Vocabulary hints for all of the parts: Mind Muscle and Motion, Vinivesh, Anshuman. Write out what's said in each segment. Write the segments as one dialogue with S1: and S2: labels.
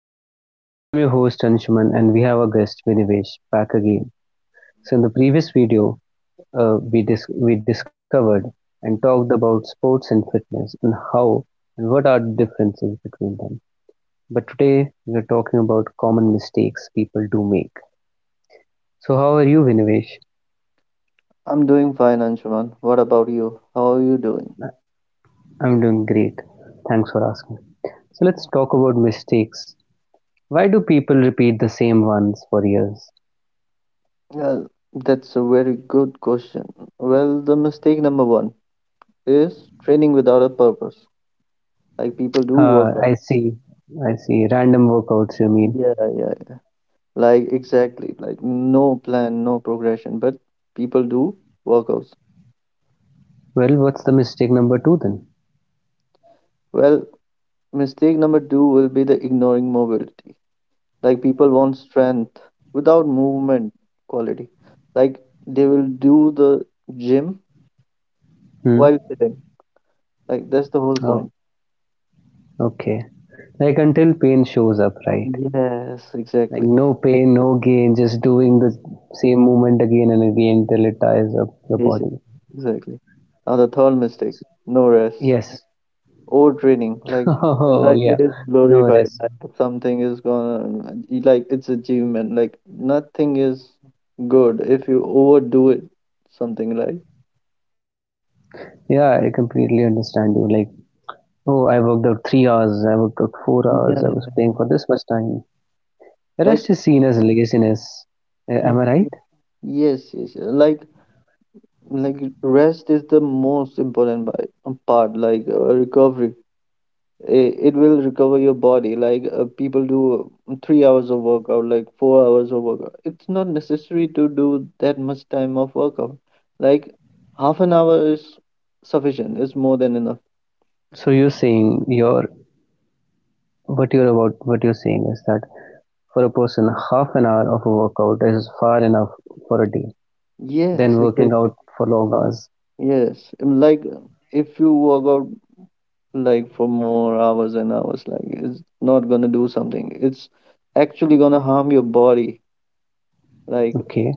S1: Motion. I'm your host Anshuman and we have our guest Vinivesh back again. So in the previous video, we discovered and talked about sports and fitness and how and what are the differences between them. But today we're talking about common mistakes people do make. So how are you Vinivesh?
S2: I'm doing fine, Anshuman. What about you? How are you doing?
S1: I'm doing great. Thanks for asking. So let's talk about mistakes. Why do people repeat the same ones for years?
S2: Well, that's a very good question. Well, the mistake number one is training without a purpose. Like people do
S1: Uh,
S2: work
S1: I
S2: out.
S1: see. I see. Random workouts, you mean?
S2: Yeah, yeah, yeah. Like exactly. Like no plan, no progression, but people do workouts.
S1: Well, what's the mistake number two then?
S2: Well, mistake number two will be the ignoring mobility. Like people want strength without movement quality. Like they will do the gym
S1: Hmm.
S2: while sitting. Like that's the whole
S1: Oh,
S2: point.
S1: okay. Like until pain shows up, right?
S2: Yes,
S1: Like
S2: exactly.
S1: no pain, no gain, just doing the same movement again and again till it tires up your
S2: Yes, yes,
S1: body.
S2: exactly. Now the third mistake, no rest
S1: Yes.
S2: or training.
S1: Oh,
S2: Like
S1: yeah.
S2: it is
S1: No
S2: glorified.
S1: rest.
S2: Like something is gonna like it's achievement. Like nothing is good if you overdo it. Something like
S1: Yeah, I completely understand you. Like, oh, I worked out 3 hours, I worked out 4 hours, I was
S2: yeah,
S1: playing for this much time. Rest
S2: like
S1: is seen as laziness. Am I
S2: mm,
S1: right?
S2: yes, yes, yeah, like rest is the most important part. Recovery. It will recover your body like people do 3 hours of workout like 4 hours of workout, it's not necessary to do that much time of workout, like half an hour is sufficient, it's more than enough.
S1: So you're saying your What you're saying is that for a person, half an hour of a workout is far enough for a day.
S2: Yes,
S1: Then working
S2: exactly.
S1: out for long hours.
S2: Yes, like if you work out like for more hours and hours, like it's not gonna do something, it's actually gonna harm your body. Like
S1: Okay.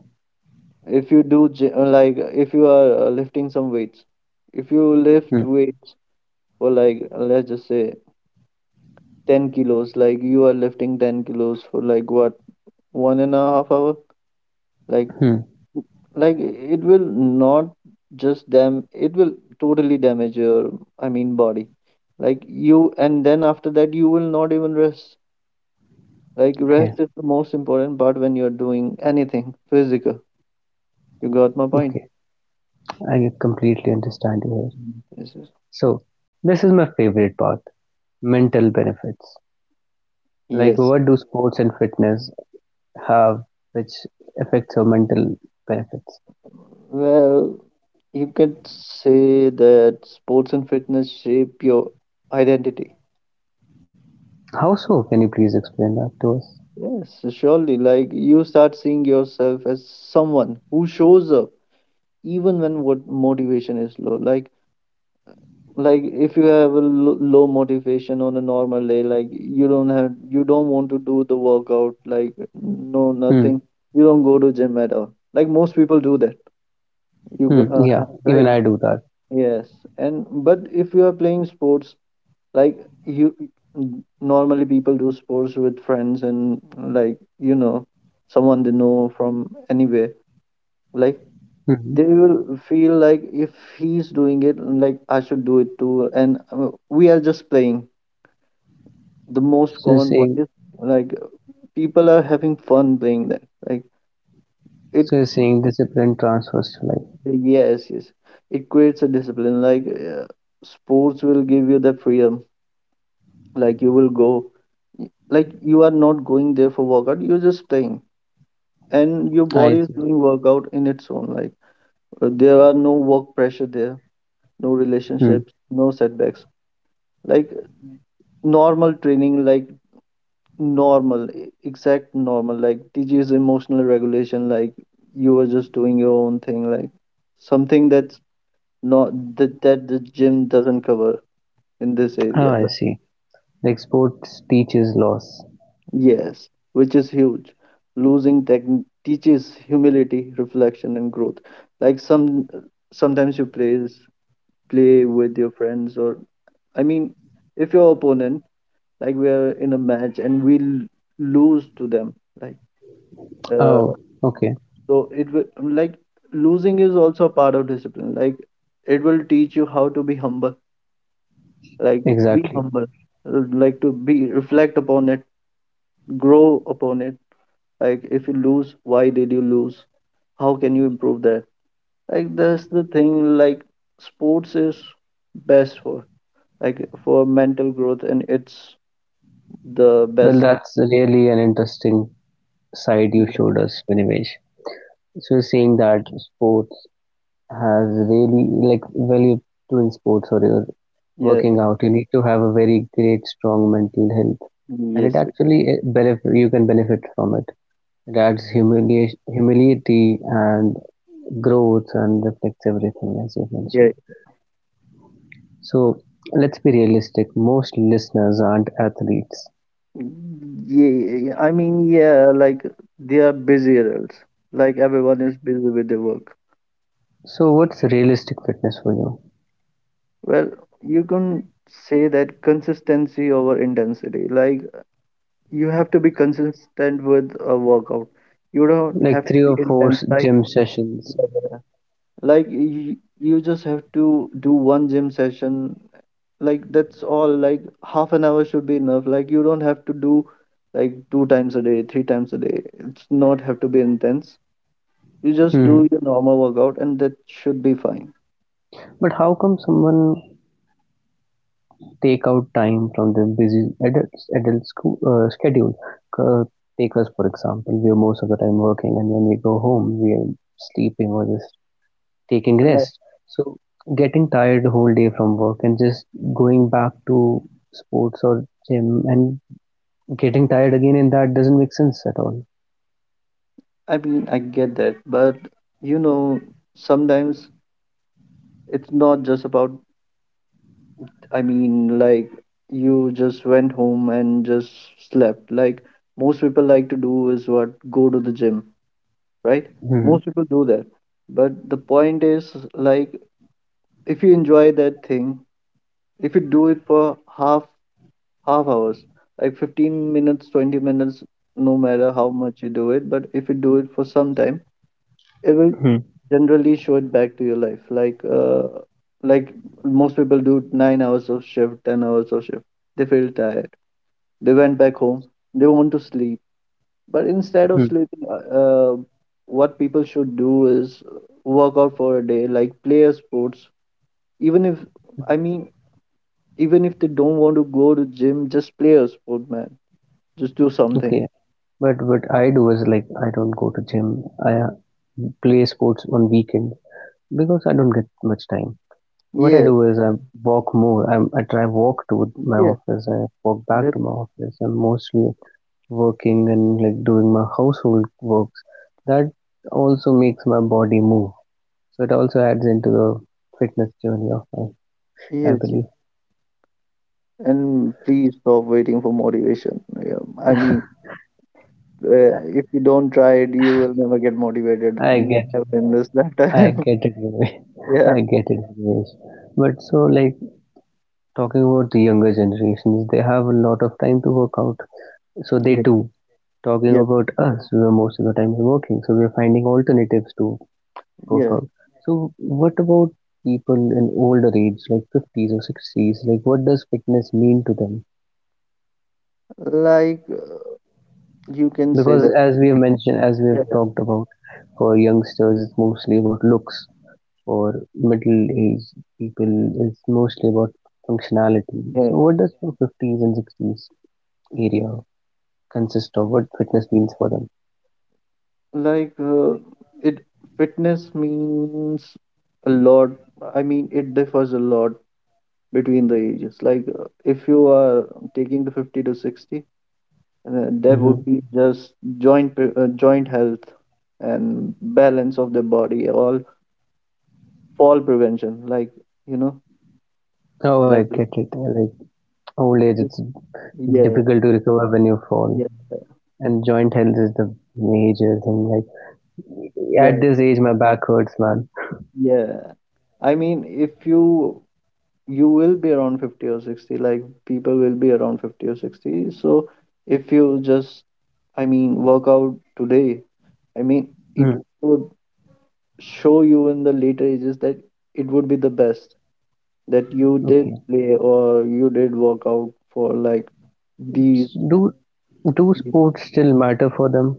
S2: if you do like if you are lifting some weights, if you lift
S1: Hmm.
S2: weights for like let's just say 10 kilos, like you are lifting 10 kilos for like what, 1.5 hours, like
S1: Hmm.
S2: like it will not just dam it will totally damage your I mean body. Like you and then after that you will not even rest. Like rest
S1: Okay.
S2: is the most important part when you're doing anything physical. You got my point.
S1: Okay. I completely understand you here.
S2: Mhm. Yes, yes.
S1: So this is my favorite part: mental benefits. Like
S2: Yes.
S1: what do sports and fitness have, which affects our mental benefits?
S2: Well, you could say that sports and fitness shape your identity.
S1: How so? Can you please explain that to us?
S2: Yes, surely. Like you start seeing yourself as someone who shows up even when what motivation is low. Like if you have a low motivation on a normal day, like you don't have you don't want to do the workout. Like no
S1: Hmm.
S2: nothing. You don't go to gym at all. Like most people do that. You go,
S1: Hmm. Yeah. Even
S2: right?
S1: I do that.
S2: Yes. And but if you are playing sports like you normally people do sports with friends and like you know someone they know from anywhere, like
S1: Mm-hmm.
S2: they will feel like if he's doing it, like I should do it too, and we are just playing the most
S1: So
S2: common point
S1: saying
S2: is like people are having fun playing that, like it
S1: So you're saying discipline transfers to life.
S2: yes, yes, it creates a discipline, sports will give you the freedom, like you will go, like you are not going there for workout, you're just playing and your
S1: I
S2: body is
S1: see.
S2: doing workout in its own. Like there are no work pressure there, no
S1: Hmm.
S2: relationships, no setbacks. Like normal training, like normal exact normal like teaches emotional regulation. Like you are just doing your own thing, like something that's not that the gym doesn't cover in this
S1: Oh,
S2: area.
S1: I
S2: Right.
S1: see. Like sports teaches loss.
S2: Yes, which is huge. Losing tech teaches humility, reflection and growth. Like some sometimes you praise play with your friends or I mean, if your opponent, like we are in a match and we lose to them, like uh,
S1: Oh, okay.
S2: so it will like losing is also a part of discipline. Like it will teach you how to be humble. Like be
S1: Exactly.
S2: humble. Like to be reflect upon it, grow upon it. Like if you lose, why did you lose? How can you improve that? Like that's the thing. Like sports is best for like for mental growth and it's the
S1: Well,
S2: best.
S1: that's really an interesting side you showed us, Vinivesh. So you're saying that sports has really like well, you doing sports or you're working
S2: Yeah.
S1: out, you need to have a very great, strong mental health, and it
S2: Yes.
S1: actually eh, benefit you can benefit from it. It adds humiliation, humility, and growth, and reflects everything as you
S2: Yeah.
S1: mentioned. So let's be realistic. Most listeners aren't athletes.
S2: Yeah. I mean, yeah. Like they are busy adults. Like everyone is busy with their work.
S1: So what's realistic fitness for you?
S2: Well, you can say that consistency over intensity. Like you have to be consistent with a workout. You don't have
S1: Like
S2: to
S1: three
S2: be
S1: or four
S2: intense. Like
S1: gym sessions.
S2: yeah, yeah. Like you just have to do one gym session, like that's all, like half an hour should be enough, like you don't have to do like two times a day, three times a day, it's not have to be intense. You just do
S1: Hmm.
S2: your normal workout and that should be fine.
S1: But how come someone take out time from their busy adult school schedule? Uh, Take us for example. We are most of the time working, and when we go home, we are sleeping or just taking
S2: Like
S1: rest. So getting tired the whole day from work and just going back to sports or gym and getting tired again in that doesn't make sense at all.
S2: I mean, I get that, but you know, sometimes it's not just about I mean like you just went home and just slept. Like most people like to do is what, go to the gym, right?
S1: Hmm.
S2: Most people do that. But the point is like if you enjoy that thing, if you do it for half hours, like 15 minutes, 20 minutes, no matter how much you do it, but if you do it for some time, it will
S1: Hmm.
S2: generally show it back to your life like most people do 9 hours of shift, 10 hours of shift, they feel tired, they went back home, they want to sleep, but instead of
S1: Hmm.
S2: sleeping what people should do is work out for a day, like play a sports, even if I mean, even if they don't want to go to gym, just play a sport, man. Just do something.
S1: Okay. But what I do is like I don't go to gym. I play sports on weekend because I don't get much time. What I
S2: Yeah,
S1: do is I walk more. I try walk to my
S2: yeah,
S1: office. I walk back
S2: that
S1: to my office. I'm mostly working and like doing my household works. That also makes my body move. So it also adds into the fitness journey of mine. I
S2: yes, yes.
S1: believe.
S2: And please stop waiting for motivation. Yeah, I mean, uh, if you don't try it, you will never get motivated.
S1: I guess.
S2: Never in this
S1: I
S2: lifetime.
S1: get it, Ramesh.
S2: Yeah,
S1: I get it, Ramesh. But so, like, talking about the younger generations, they have a lot of time to work out. So they
S2: yeah,
S1: do. Talking
S2: yeah,
S1: about us, we are most of the time working, so we're finding alternatives to work
S2: yeah.
S1: out. So, what about people in older age, like 50s or 60s? Like, what does fitness mean to them?
S2: Like uh, you can say
S1: Because,
S2: that.
S1: as we have mentioned, as we
S2: Yeah,
S1: have talked about, for youngsters, it's mostly about looks. For middle-aged people is mostly about functionality.
S2: yeah.
S1: So, what does the 50s and 60s area consist of? What fitness means for them?
S2: Like uh, it. Fitness means a lot. I mean, it differs a lot between the ages. If you are taking the 50 to 60, there would
S1: Hmm.
S2: be just joint health and balance of the body, all fall prevention. Like you know,
S1: Oh, I
S2: like
S1: get it. I like old age,
S2: the-
S1: it's
S2: yeah,
S1: difficult to recover when you fall,
S2: yeah,
S1: and joint health is the major thing. Like at
S2: yeah,
S1: this age, my back hurts, man.
S2: yeah. I mean, if you you will be around 50 or 60, like people will be around 50 or 60. So if you just, I mean, work out today, I mean, it
S1: Mm.
S2: could show you in the later ages that it would be the best that you did
S1: Okay.
S2: play or you did work out for like these
S1: Do do sports still matter for them?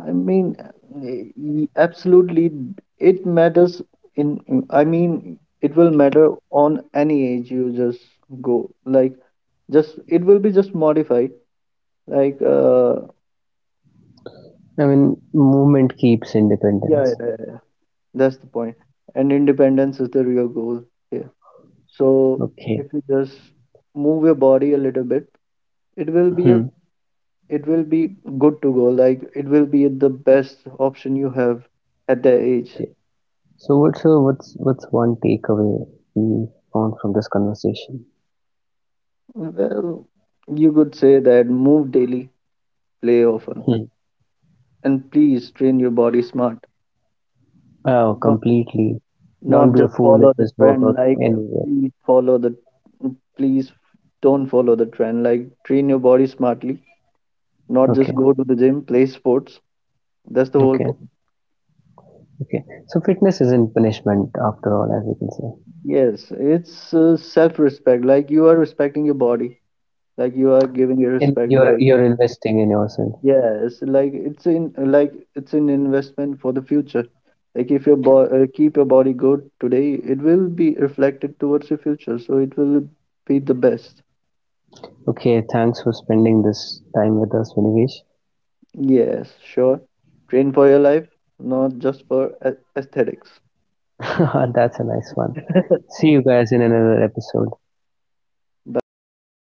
S2: I mean, absolutely, it matters I mean, it will matter on any age you just go. Like, just, it will be just modified. Like,
S1: I mean, movement keeps
S2: yeah,
S1: independence.
S2: yeah, yeah, yeah, that's the point. And independence is the real goal here. So,
S1: Okay.
S2: if you just move your body a little bit, it will be a
S1: Hmm.
S2: it will be good to go, like it will be the best option you have at that age.
S1: So what's one takeaway we found from this conversation?
S2: Well, you could say that move daily, play often,
S1: Hmm.
S2: and please train your body smart,
S1: Oh,
S2: not,
S1: completely. Don't
S2: not
S1: be a
S2: just
S1: fool and
S2: follow the
S1: just work
S2: trend,
S1: out anywhere.
S2: please follow the please don't follow the trend, like train your body smartly, not just
S1: Okay,
S2: go to the gym, play sports, that's the whole
S1: okay,
S2: point.
S1: okay. So fitness isn't punishment after all, as we can say.
S2: Yes, it's self-respect. Like you are respecting your body. Like you are giving it
S1: And
S2: respect.
S1: you're
S2: Like
S1: you're investing in yourself.
S2: yes, like it's in like it's an investment for the future. Like if your bo keep your body good today, it will be reflected towards your future, so it will be the best.
S1: Okay, thanks for spending this time with us, Vinigesh.
S2: Yes, sure. Train for your life, not just for aesthetics.
S1: That's a nice one. See you guys in another episode.
S2: Bye bye.